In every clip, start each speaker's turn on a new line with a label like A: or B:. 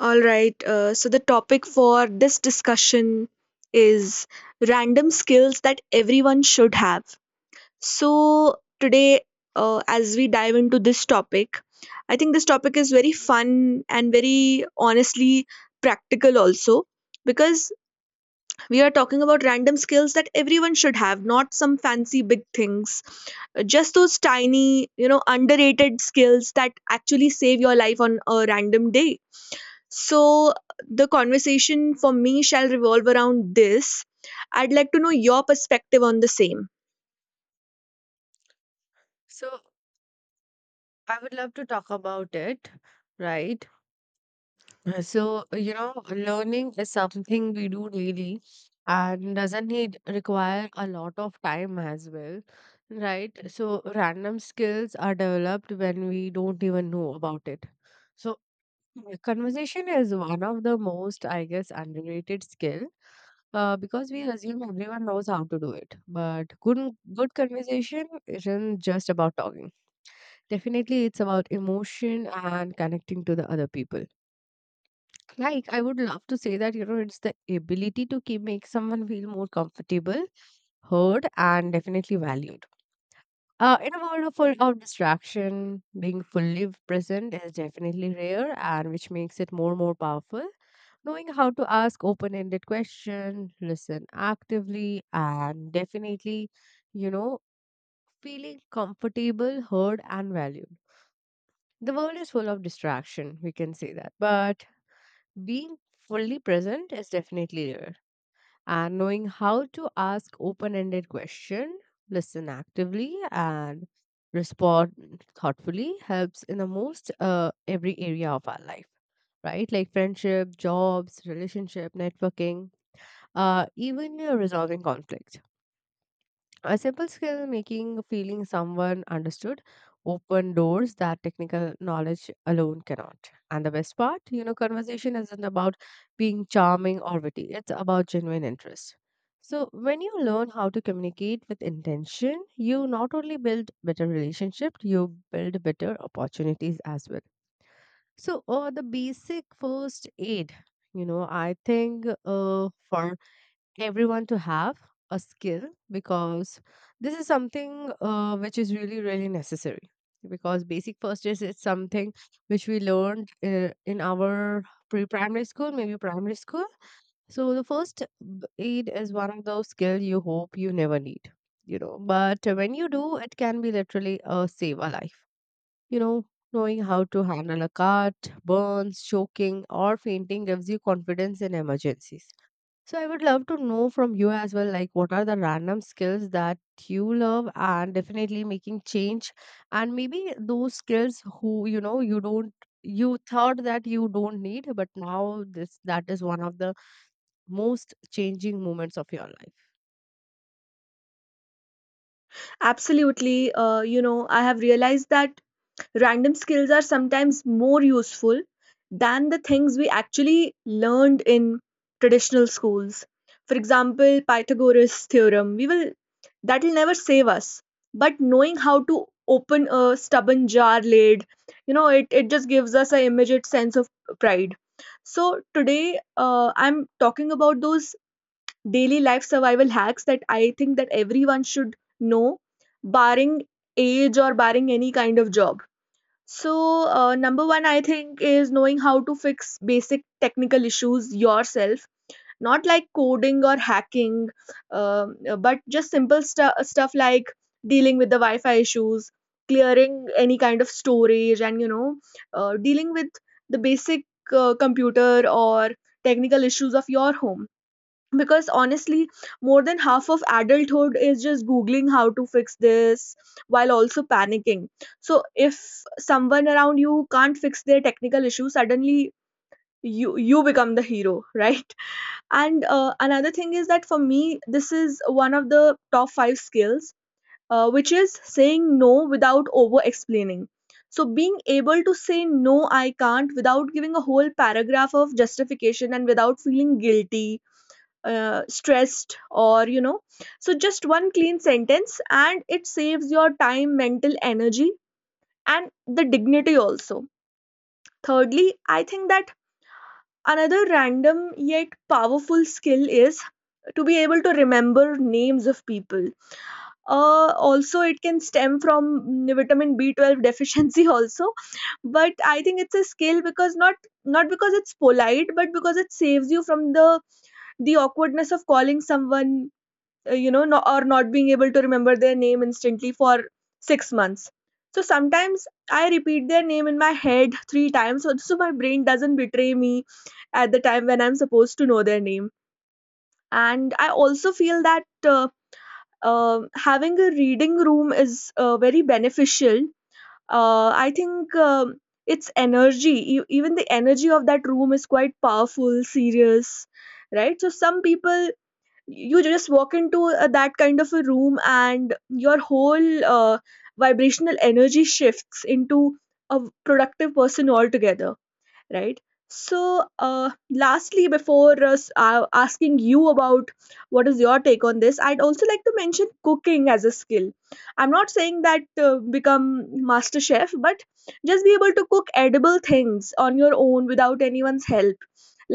A: All right, so the topic for this discussion is random skills that everyone should have. So today, as we dive into this topic, I think this topic is very fun and very honestly practical also, because we are talking about random skills that everyone should have, not some fancy big things. Just those tiny underrated skills that actually save your life on a random day. So the conversation for me shall revolve around this. I'd like to know your perspective on the same.
B: So I would love to talk about it, right? You know, learning is something we do daily and doesn't need require a lot of time as well, right? So random skills are developed when we don't even know about it. So yeah, conversation is one of the most, I guess, underrated skill because we assume everyone knows how to do it. But good conversation isn't just about talking. Definitely, it's about emotion and connecting to the other people. Like, I would love to say that, you know, it's the ability to keep make someone feel more comfortable, heard, and definitely valued. In a world of full of distraction, being fully present is definitely rare, and which makes it more and more powerful. Knowing how to ask open-ended questions, listen actively, and definitely, you know, feeling comfortable, heard, and valued. The world is full of distraction, we can say that. But being fully present is definitely rare. And knowing how to ask open-ended question, listen actively, and respond thoughtfully helps in the most every area of our life, right? Like friendship, jobs, relationship, networking, even resolving conflicts. A simple skill making feeling someone understood open doors that technical knowledge alone cannot. And the best part, you know, conversation isn't about being charming or witty, it's about genuine interest. So when you learn how to communicate with intention, you not only build better relationship, you build better opportunities as well. So the basic first aid, you know, I think for everyone to have a skill, because this is something which is really really necessary, because basic first aid is something which we learned in our pre-primary school, maybe primary school. So the first aid is one of those skills you hope you never need, you know, but when you do, it can be literally save a life, you know. Knowing how to handle a cut, burns, choking, or fainting gives you confidence in emergencies. So I would love to know from you as well, like what are the random skills that you love and definitely making change, and maybe those skills who you know you don't, you thought that you don't need, but now this that is one of the most changing moments of your life.
A: Absolutely. You know, I have realized that random skills are sometimes more useful than the things we actually learned in traditional schools. For example, Pythagoras theorem, we will that will never save us. But knowing how to open a stubborn jar lid, you know, it just gives us an immediate sense of pride. So today, I'm talking about those daily life survival hacks that I think that everyone should know, barring age or barring any kind of job. So, number one, I think, is knowing how to fix basic technical issues yourself, not like coding or hacking, but just simple stuff like dealing with the Wi Fi issues, clearing any kind of storage, and dealing with the basic computer or technical issues of your home, because honestly more than half of adulthood is just googling how to fix this while also panicking. So if someone around you can't fix their technical issue suddenly, you become the hero, right? And another thing is that for me this is one of the top 5 skills, which is saying no without over explaining. So being able to say no, I can't, without giving a whole paragraph of justification and without feeling guilty, stressed, or you know. So just one clean sentence and it saves your time, mental energy, and the dignity also. Thirdly, I think that another random yet powerful skill is to be able to remember names of people. Also it can stem from vitamin B12 deficiency also. But I think it's a skill, because not because it's polite but because it saves you from the awkwardness of calling someone, you know, no, or not being able to remember their name instantly for 6 months. So sometimes I repeat their name in my head 3 times, so my brain doesn't betray me at the time when I'm supposed to know their name. And I also feel that uh, having a reading room is very beneficial. I think, its energy, even the energy of that room is quite powerful, serious, right? So some people, you just walk into that kind of a room and your whole vibrational energy shifts into a productive person altogether, right? So lastly, before asking you about what is your take on this, I'd also like to mention cooking as a skill. I'm not saying that become master chef, but just be able to cook edible things on your own without anyone's help,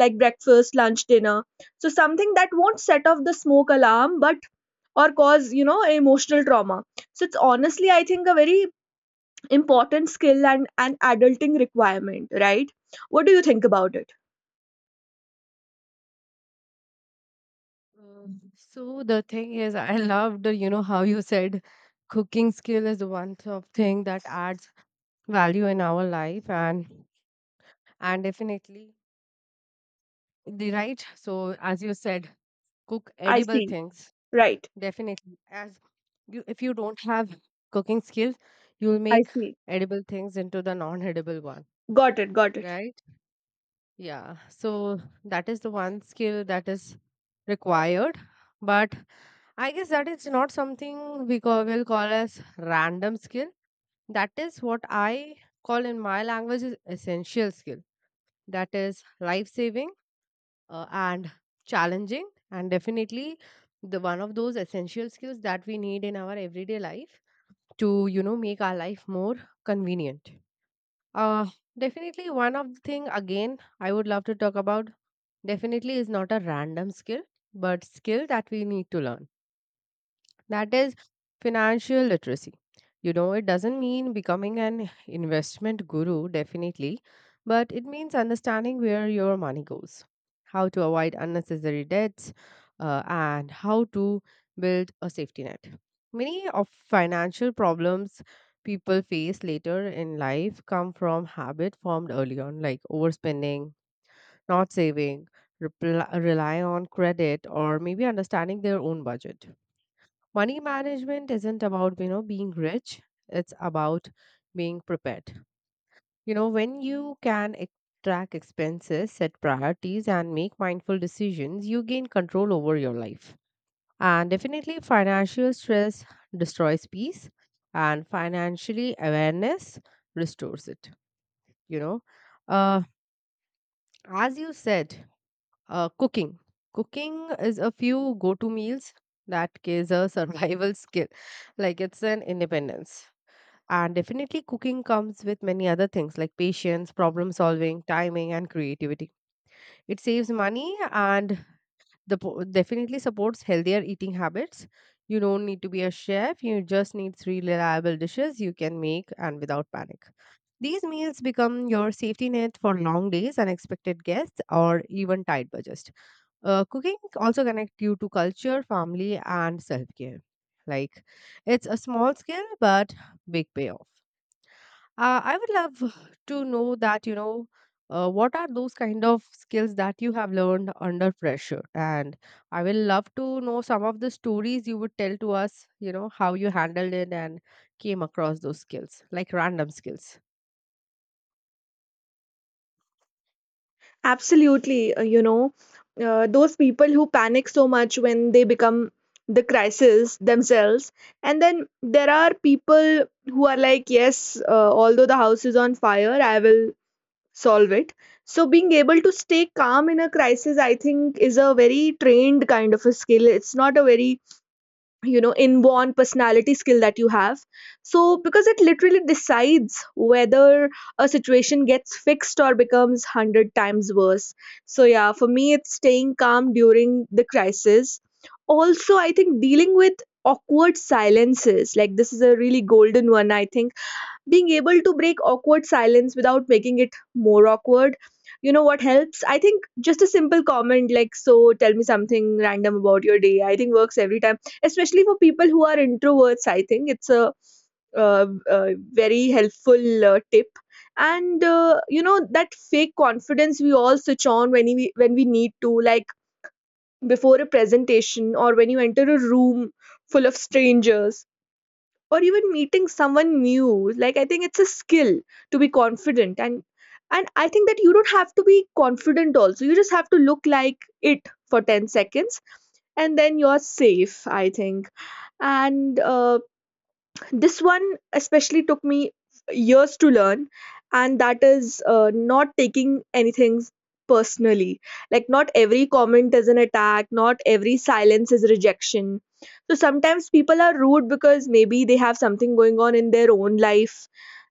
A: like breakfast, lunch, dinner. So something that won't set off the smoke alarm, but or cause, you know, emotional trauma. So it's honestly, I think, a very important skill and an adulting requirement, right? What do you think about it?
B: So the thing is, I loved you know how you said cooking skill is the one sort of thing that adds value in our life, and definitely the right. So as you said, cook
A: I
B: edible
A: see.
B: things,
A: Right.
B: definitely, as you, if you don't have cooking skills, you'll
A: I
B: make
A: see.
B: edible things into the non-edible one,
A: Got it. Got it.
B: right? Yeah, so that is the one skill that is required. But I guess that is not something we will call as random skill. That is what I call in my language is essential skill. That is life saving, and challenging and definitely the one of those essential skills that we need in our everyday life to, you know, make our life more convenient. uh Definitely one of the thing again I would love to talk about, definitely is not a random skill but skill that we need to learn, that is financial literacy. You know, it doesn't mean becoming an investment guru, definitely, but it means understanding where your money goes, how to avoid unnecessary debts, and how to build a safety net. Many of financial problems people face later in life come from habit formed early on, like overspending, not saving, rely on credit, or maybe understanding their own budget. Money management isn't about, you know, being rich, it's about being prepared. You know, when you can track expenses, set priorities, and make mindful decisions, you gain control over your life. And definitely financial stress destroys peace, and financially awareness restores it, you know. uh, as you said, uh, cooking cooking is a few go-to meals. That is a survival skill, like it's an independence. And definitely, cooking comes with many other things like patience, problem solving, timing, and creativity. It saves money and definitely supports healthier eating habits. You don't need to be a chef, you just need three reliable dishes you can make and without panic. These meals become your safety net for long days, unexpected guests, or even tight budgets. Cooking also connects you to culture, family, and self care. Like, it's a small skill but big payoff. I would love to know that, you know, what are those kind of skills that you have learned under pressure? And I will love to know some of the stories you would tell to us, you know, how you handled it and came across those skills, like random skills.
A: Absolutely. You know, those people who panic so much when they become the crisis themselves. And then there are people who are like, yes, although the house is on fire, I will solve it. So being able to stay calm in a crisis, I think, is a very trained kind of a skill. It's not a very, you know, inborn personality skill that you have. So because it literally decides whether a situation gets fixed or becomes 100 times worse. So yeah, for me it's staying calm during the crisis. Also I think dealing with awkward silences like this is a really golden one, I think. Being able to break awkward silence without making it more awkward. You know what helps, I think, just a simple comment like, so tell me something random about your day, I think works every time. Especially for people who are introverts, I think it's a uh, uh, very helpful tip. And you know that fake confidence we all switch on when we need to, like before a presentation or when you enter a room full of strangers, or even meeting someone new. Like I think it's a skill to be confident, and I think that you don't have to be confident also, you just have to look like it for 10 seconds, and then you're safe, I think. And this one especially took me years to learn, and that is not taking anything personally. Like, not every comment is an attack, not every silence is rejection. So sometimes people are rude because maybe they have something going on in their own life,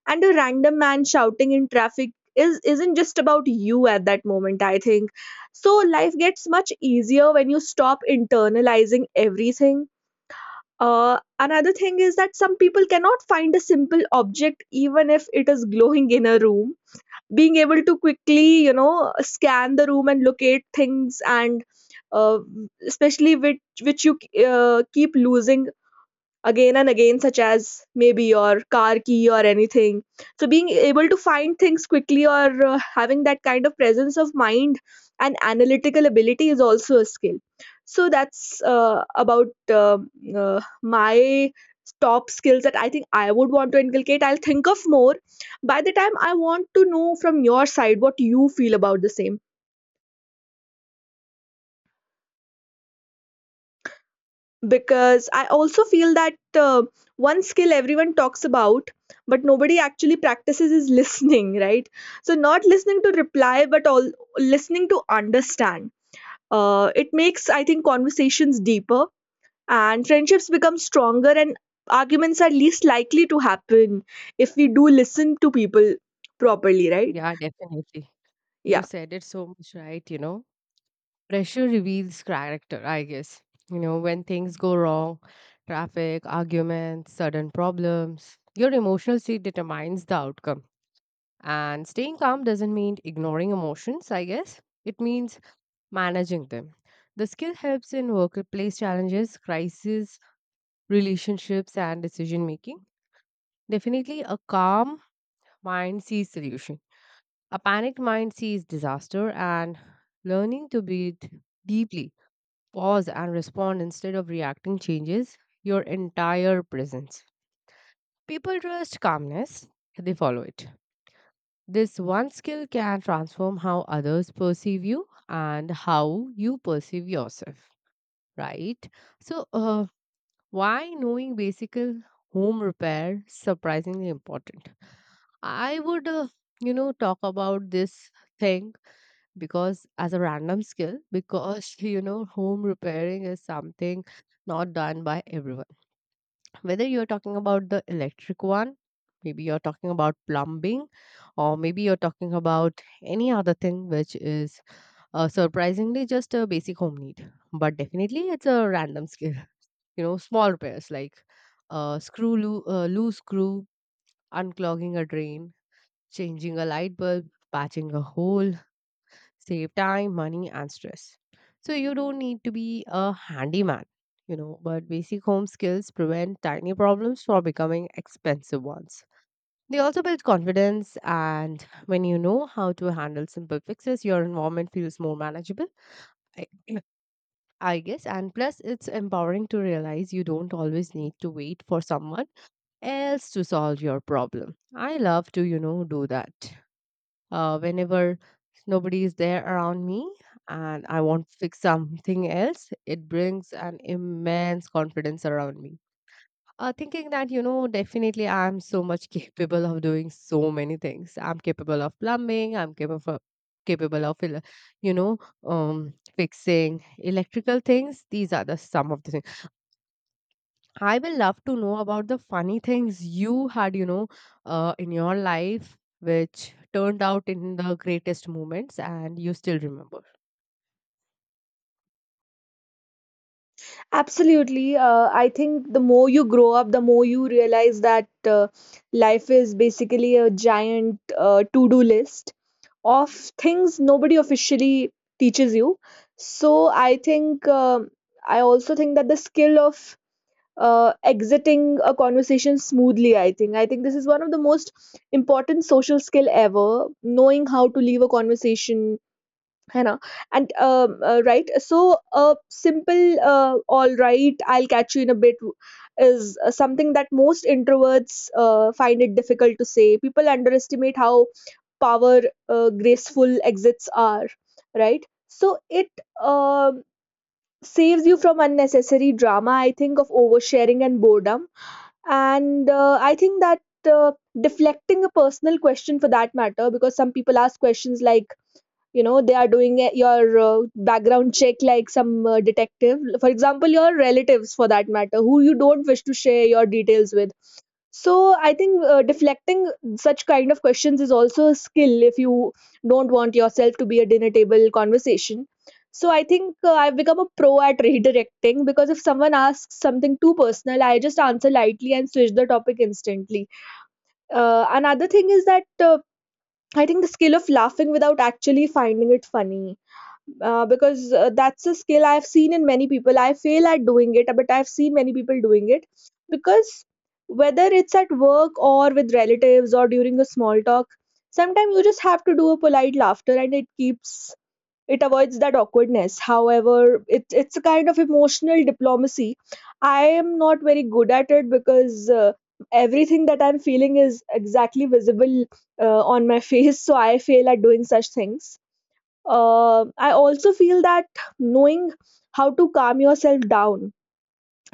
A: and a random man shouting in traffic is isn't just about you at that moment, I think. So life gets much easier when you stop internalizing everything. Another thing is that some people cannot find a simple object even if it is glowing in a room. Being able to quickly, you know, scan the room and locate things, and uh, especially which you keep losing again and again, such as maybe your car key or anything. So being able to find things quickly, or having that kind of presence of mind and analytical ability is also a skill. So that's about my top skills that I think I would want to inculcate. I'll think of more by the time. I want to know from your side what you feel about the same. Because I also feel that one skill everyone talks about but nobody actually practices is listening, right? So not listening to reply, but all listening to understand. It makes, I think, conversations deeper, and friendships become stronger, and arguments are least likely to happen if we do listen to people properly, right?
B: Yeah, definitely. You
A: Yeah.
B: said it so much right, you know. Pressure reveals character, I guess. You know, when things go wrong, traffic, arguments, sudden problems, your emotional state determines the outcome. And staying calm doesn't mean ignoring emotions, I guess. It means managing them. The skill helps in workplace challenges, crises, relationships, and decision making. Definitely, a calm mind sees solution. A panicked mind sees disaster, and learning to breathe deeply, pause, and respond instead of reacting changes your entire presence. People trust calmness, they follow it. This one skill can transform how others perceive you and how you perceive yourself, right? So, why knowing basic home repair surprisingly important? I would, you know, talk about this thing, because as a random skill, because you know, home repairing is something not done by everyone, whether you're talking about the electric one, maybe you're talking about plumbing, or maybe you're talking about any other thing which is surprisingly just a basic home need, but definitely it's a random skill. You know, small repairs like loose screw, unclogging a drain, changing a light bulb, patching a hole, save time, money, and stress. So you don't need to be a handyman, you know, but basic home skills prevent tiny problems from becoming expensive ones. They also build confidence, and when you know how to handle simple fixes, your environment feels more manageable, I, I guess. And plus, it's empowering to realize you don't always need to wait for someone else to solve your problem. I love to, you know, do that whenever nobody is there around me and I want to fix something else, it brings an immense confidence around me. Thinking that, you know, definitely I'm so much capable of doing so many things. I'm capable of plumbing, I'm capable of you know fixing electrical things. These are the some of the things I will love to know about, the funny things you had, you know, in your life, which turned out in the greatest moments and you still remember.
A: Absolutely. I think the more you grow up, the more you realize that life is basically a giant to do list of things nobody officially teaches you. So I think, I also think that the skill of exiting a conversation smoothly, I think this is one of the most important social skill ever. Knowing how to leave a conversation, है ना, and right, so a simple, all right, I'll catch you in a bit, is something that most introverts find it difficult to say. People underestimate how power, graceful exits are, right? So it, um, saves you from unnecessary drama, I think, of oversharing and boredom. And I think that uh, deflecting a personal question, for that matter, because some people ask questions like, you know, they are doing a, your background check, like some detective, for example your relatives for that matter, who you don't wish to share your details with. So I think deflecting such kind of questions is also a skill, if you don't want yourself to be a dinner table conversation. So I think I've become a pro at redirecting, because if someone asks something too personal I just answer lightly and switch the topic instantly. Another thing is that, I think the skill of laughing without actually finding it funny, because that's a skill I've seen in many people. I fail at doing it, but I've seen many people doing it, because whether it's at work or with relatives or during a small talk, sometimes you just have to do a polite laughter and it avoids that awkwardness. However, it's a kind of emotional diplomacy. I am not very good at it because everything that I'm feeling is exactly visible on my face, so I fail at doing such things. I also feel that knowing how to calm yourself down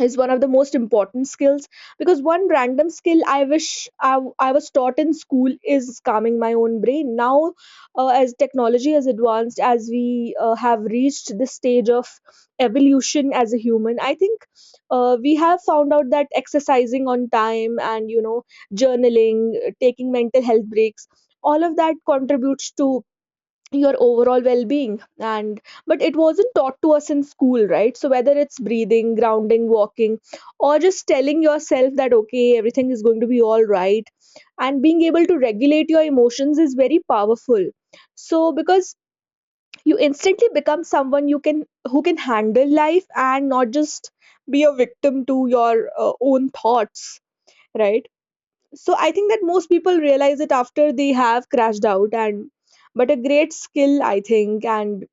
A: is one of the most important skills, because one random skill I wish I was taught in school is calming my own brain now. As technology has advanced, as we have reached this stage of evolution as a human, I think we have found out that exercising on time and you know journaling, taking mental health breaks, all of that contributes to your overall well-being. And but it wasn't taught to us in school, right? So whether it's breathing, grounding, walking, or just telling yourself that okay, everything is going to be all right, and being able to regulate your emotions is very powerful. So because you instantly become someone you can who can handle life and not just be a victim to your own thoughts, right? So I think that most people realize it after they have crashed out and but a great skill I think, and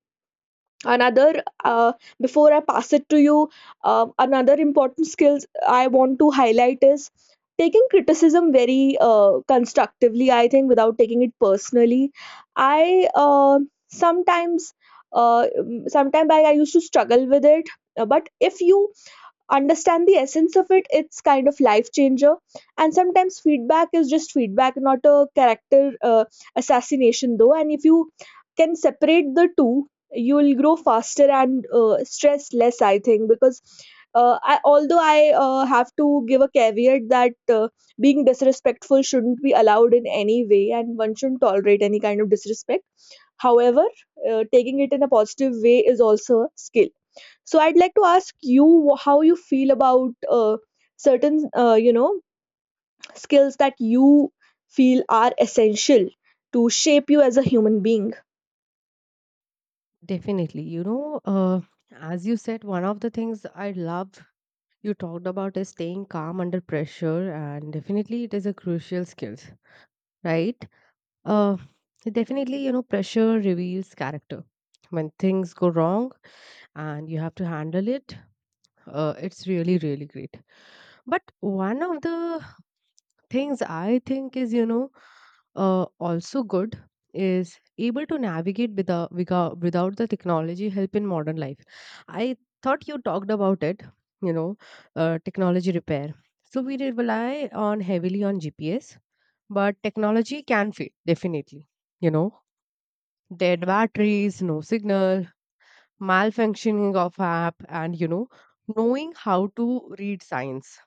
A: another uh, before I pass it to you, another important skills I want to highlight is taking criticism very constructively, I think, without taking it personally. I Sometimes uh, sometimes I used to struggle with it. But if you understand the essence of it, it's kind of life changer. And sometimes feedback is just feedback, not a character assassination though, and if you can separate the two, you'll grow faster and stress less, I think. Because although I have to give a caveat that being disrespectful shouldn't be allowed in any way, and one shouldn't tolerate any kind of disrespect. However, taking it in a positive way is also a skill. So I'd like to ask you how you feel about certain, skills that you feel are essential to shape you as a human being.
B: Definitely. You know, as you said, one of the things I love you talked about is staying calm under pressure, and definitely it is a crucial skill, right? Uh, Definitely, you know, pressure reveals character. When things go wrong and you have to handle it, it's really really great. But one of the things I think is, you know, also good is able to navigate without the technology help in modern life. I thought you talked about it, you know, technology repair. So we rely on heavily on gps, but technology can fail definitely, you know. Dead batteries, no signal, malfunctioning of app, and, you know, knowing how to read signs,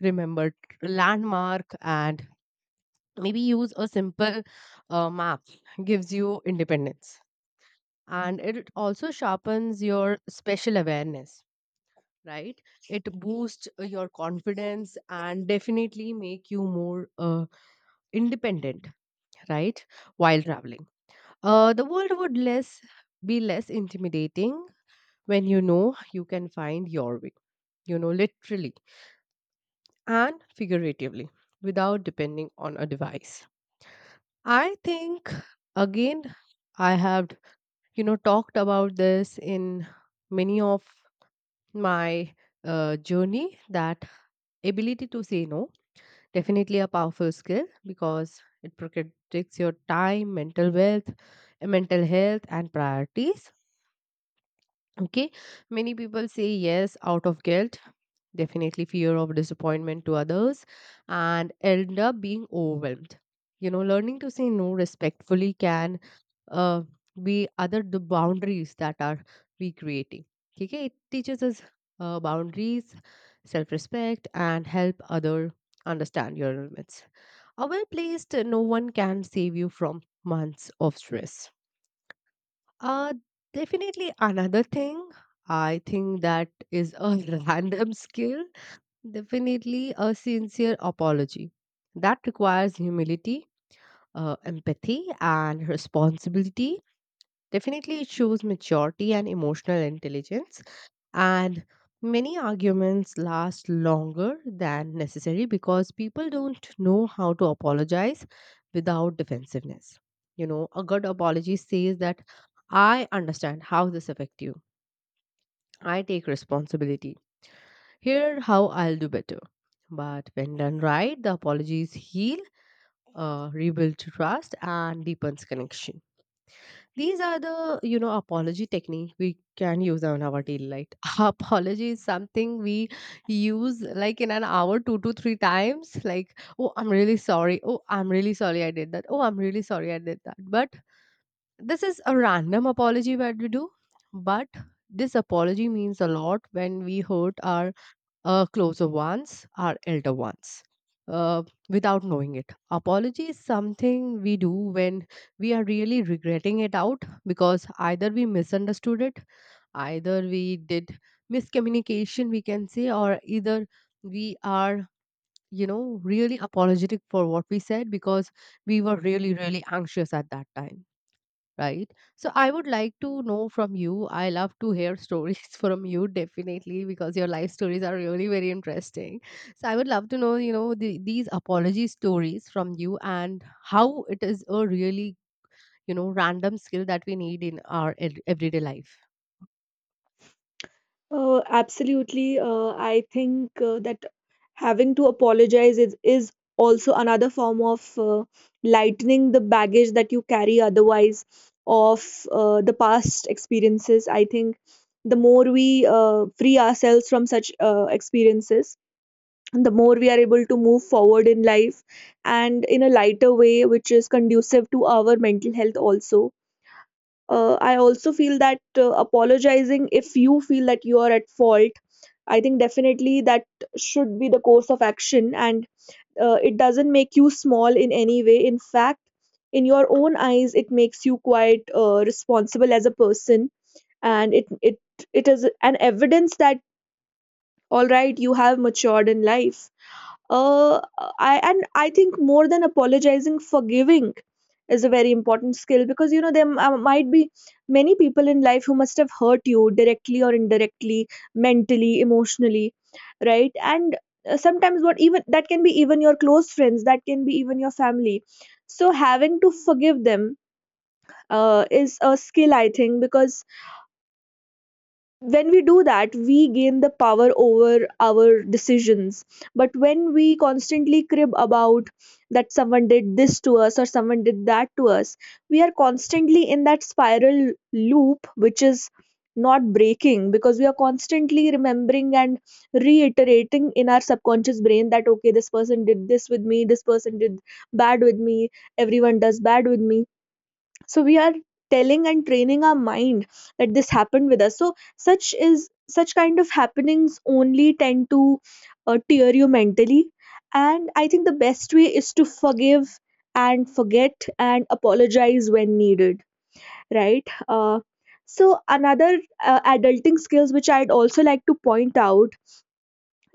B: remember landmark, and maybe use a simple map gives you independence, and it also sharpens your special awareness, right? It boosts your confidence and definitely make you more independent, right? While traveling, the world would less be less intimidating when you know you can find your way, you know, literally and figuratively, without depending on a device. I think, again, I have, you know, talked about this in many of my journey, that ability to say no, definitely a powerful skill because it protects your time, mental wealth, mental health, and priorities. Okay, many people say yes out of guilt, definitely fear of disappointment to others, and end up being overwhelmed. You know, learning to say no respectfully can uh, be other the boundaries that are we creating. Okay, it teaches us boundaries, self-respect, and help other understand your limits. A well placed no one can save you from months of stress. Uh, Definitely another thing. I think that is a random skill. Definitely a sincere apology. That requires humility, empathy, and responsibility. Definitely, it shows maturity and emotional intelligence. And many arguments last longer than necessary because people don't know how to apologize without defensiveness. You know, a good apology says that I understand how this affected you. I take responsibility. Here how I'll do better. But when done right, the apologies heal, rebuild trust, and deepens connection. These are the, you know, apology technique we can use on our daily life. Apology is something we use like in an hour two to three times. Like, oh, I'm really sorry. Oh, I'm really sorry I did that. Oh, I'm really sorry I did that. But this is a random apology that we do. But this apology means a lot when we hurt our closer ones are elder ones, uh, without knowing it. Apology is something we do when we are really regretting it out because either we misunderstood it, either we did miscommunication, we can say, or either we are, you know, really apologetic for what we said because we were really, really anxious at that time, right? So I would like to know from you. I love to hear stories from you definitely because your life stories are really very interesting. So I would love to know, you know, these apology stories from you and how it is a really, you know, random skill that we need in our everyday life.
A: Absolutely. I think that having to apologize is also another form of lightening the baggage that you carry otherwise of the past experiences. I think the more we free ourselves from such experiences, the more we are able to move forward in life and in a lighter way, which is conducive to our mental health also. I also feel that apologizing, if you feel that you are at fault, I think definitely that should be the course of action. And it doesn't make you small in any way. In fact, in your own eyes it makes you quite responsible as a person, and it is an evidence that all right, you have matured in life. Uh, I and I think more than apologizing, forgiving is a very important skill, because you know there might be many people in life who must have hurt you directly or indirectly, mentally, emotionally, right? And sometimes what even that can be even your close friends, that can be even your family. So having to forgive them is a skill, I think, because when we do that, we gain the power over our decisions. But when we constantly crib about that someone did this to us or someone did that to us, we are constantly in that spiral loop, which is not breaking, because we are constantly remembering and reiterating in our subconscious brain that okay, this person did this with me, this person did bad with me, everyone does bad with me. So we are telling and training our mind that this happened with us, so such is such kind of happenings only tend to tear you mentally. And I think the best way is to forgive and forget, and apologize when needed, right? So another adulting skills which I'd also like to point out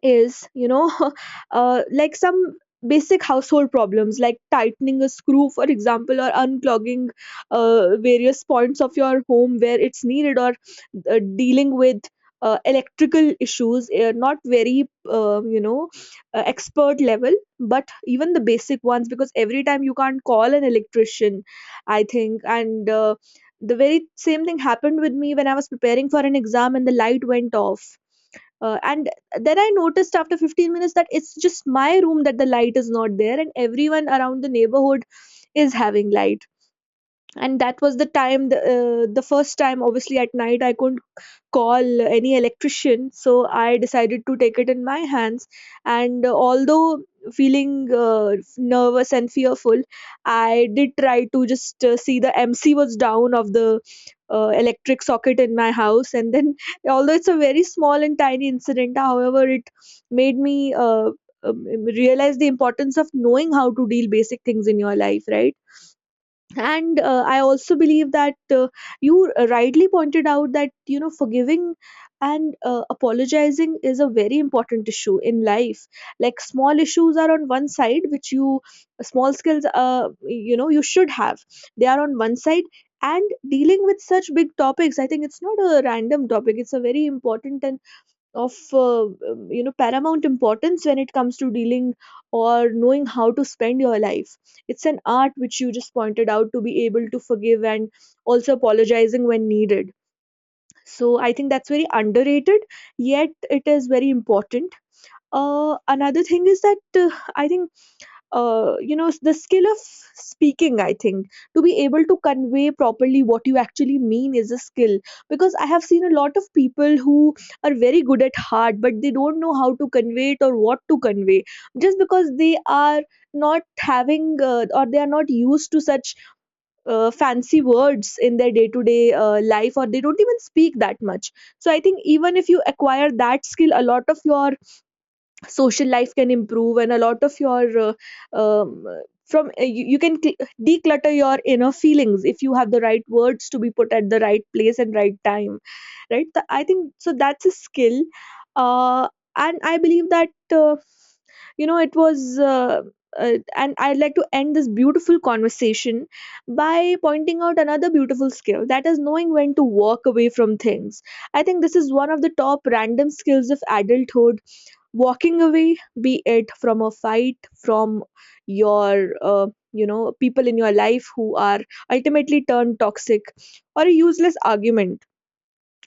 A: is you know like some basic household problems, like tightening a screw for example, or unclogging various points of your home where it's needed, or dealing with electrical issues, not very expert level, but even the basic ones, because every time you can't call an electrician, I think. And the very same thing happened with me when I was preparing for an exam and the light went off. And then I noticed after 15 minutes that it's just my room that the light is not there, and everyone around the neighborhood is having light. And that was the time, the first time, obviously, at night, I couldn't call any electrician, so I decided to take it in my hands. And although feeling uh, nervous and fearful, I did try to just see the mc was down of the electric socket in my house. And then although it's a very small and tiny incident, however it made me um, realize the importance of knowing how to deal basic things in your life, right? And I also believe that you rightly pointed out that you know forgiving and apologizing is a very important issue in life. Like small issues are on one side, which you small skills you should have, they are on one side, and dealing with such big topics, I think it's not a random topic, it's a very important and of you know paramount importance when it comes to dealing or knowing how to spend your life. It's an art which you just pointed out, to be able to forgive and also apologizing when needed. So I think that's very underrated, yet it is very important. Another thing is that uh, I think you know the skill of speaking, I think, to be able to convey properly what you actually mean is a skill, because I have seen a lot of people who are very good at heart but they don't know how to convey it or what to convey, just because they are not having or they are not used to such fancy words in their day to day life, or they don't even speak that much. So I think even if you acquire that skill, a lot of your social life can improve, and a lot of your uh, um, you can declutter your inner feelings if you have the right words to be put at the right place and right time, right? I think so, that's a skill. uh, and I believe that you know it was and I'd like to end this beautiful conversation by pointing out another beautiful skill, that is knowing when to walk away from things. I think this is one of the top random skills of adulthood. Walking away, be it from a fight, from your you know people in your life who are ultimately turned toxic, or a useless argument.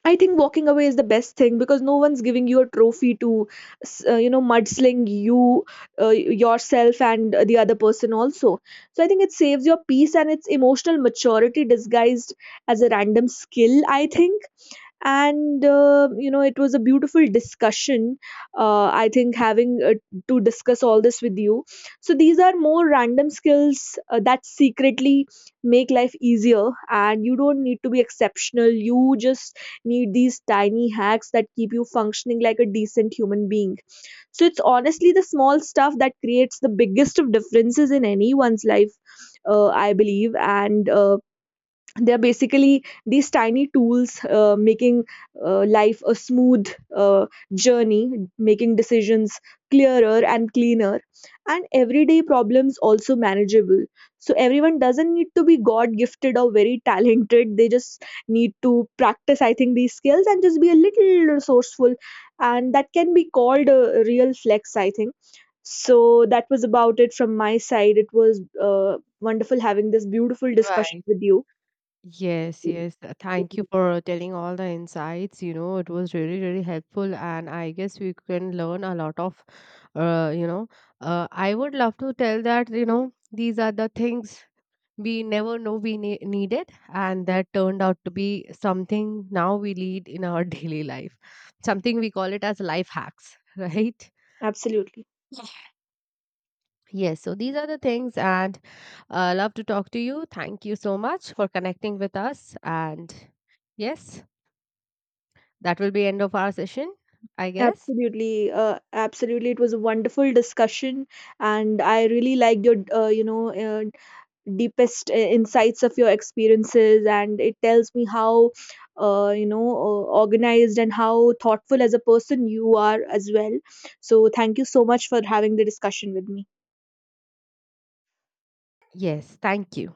A: I think walking away is the best thing, because no one's giving you a trophy to you know mudsling you yourself and the other person also. So I think it saves your peace, and it's emotional maturity disguised as a random skill, I think. And you know it was a beautiful discussion. I think having to discuss all this with you. So these are more random skills that secretly make life easier, and you don't need to be exceptional, you just need these tiny hacks that keep you functioning like a decent human being. So it's honestly the small stuff that creates the biggest of differences in anyone's life, I believe. And they're basically these tiny tools making life a smooth uh, journey, making decisions clearer and cleaner, and everyday problems also manageable. So everyone doesn't need to be god gifted or very talented, they just need to practice, I think, these skills and just be a little resourceful. And that can be called a real flex, I think. So that was about it from my side. It was wonderful having this beautiful discussion
B: Right.
A: with you.
B: Yes, yes. Thank you for telling all the insights. You know, it was really, really helpful, and I guess we can learn a lot of, you know, I would love to tell that, you know, these are the things we never know we needed, and that turned out to be something now we lead in our daily life. Something we call it as life hacks, right?
A: Absolutely.
B: Yes, so these are the things, and love to talk to you. Thank you so much for connecting with us. And yes, that will be end of our session, I guess.
A: Absolutely. Absolutely. It was a wonderful discussion, and I really liked your, deepest insights of your experiences, and it tells me how, organized and how thoughtful as a person you are as well. So, thank you so much for having the discussion with me.
B: Yes, thank you.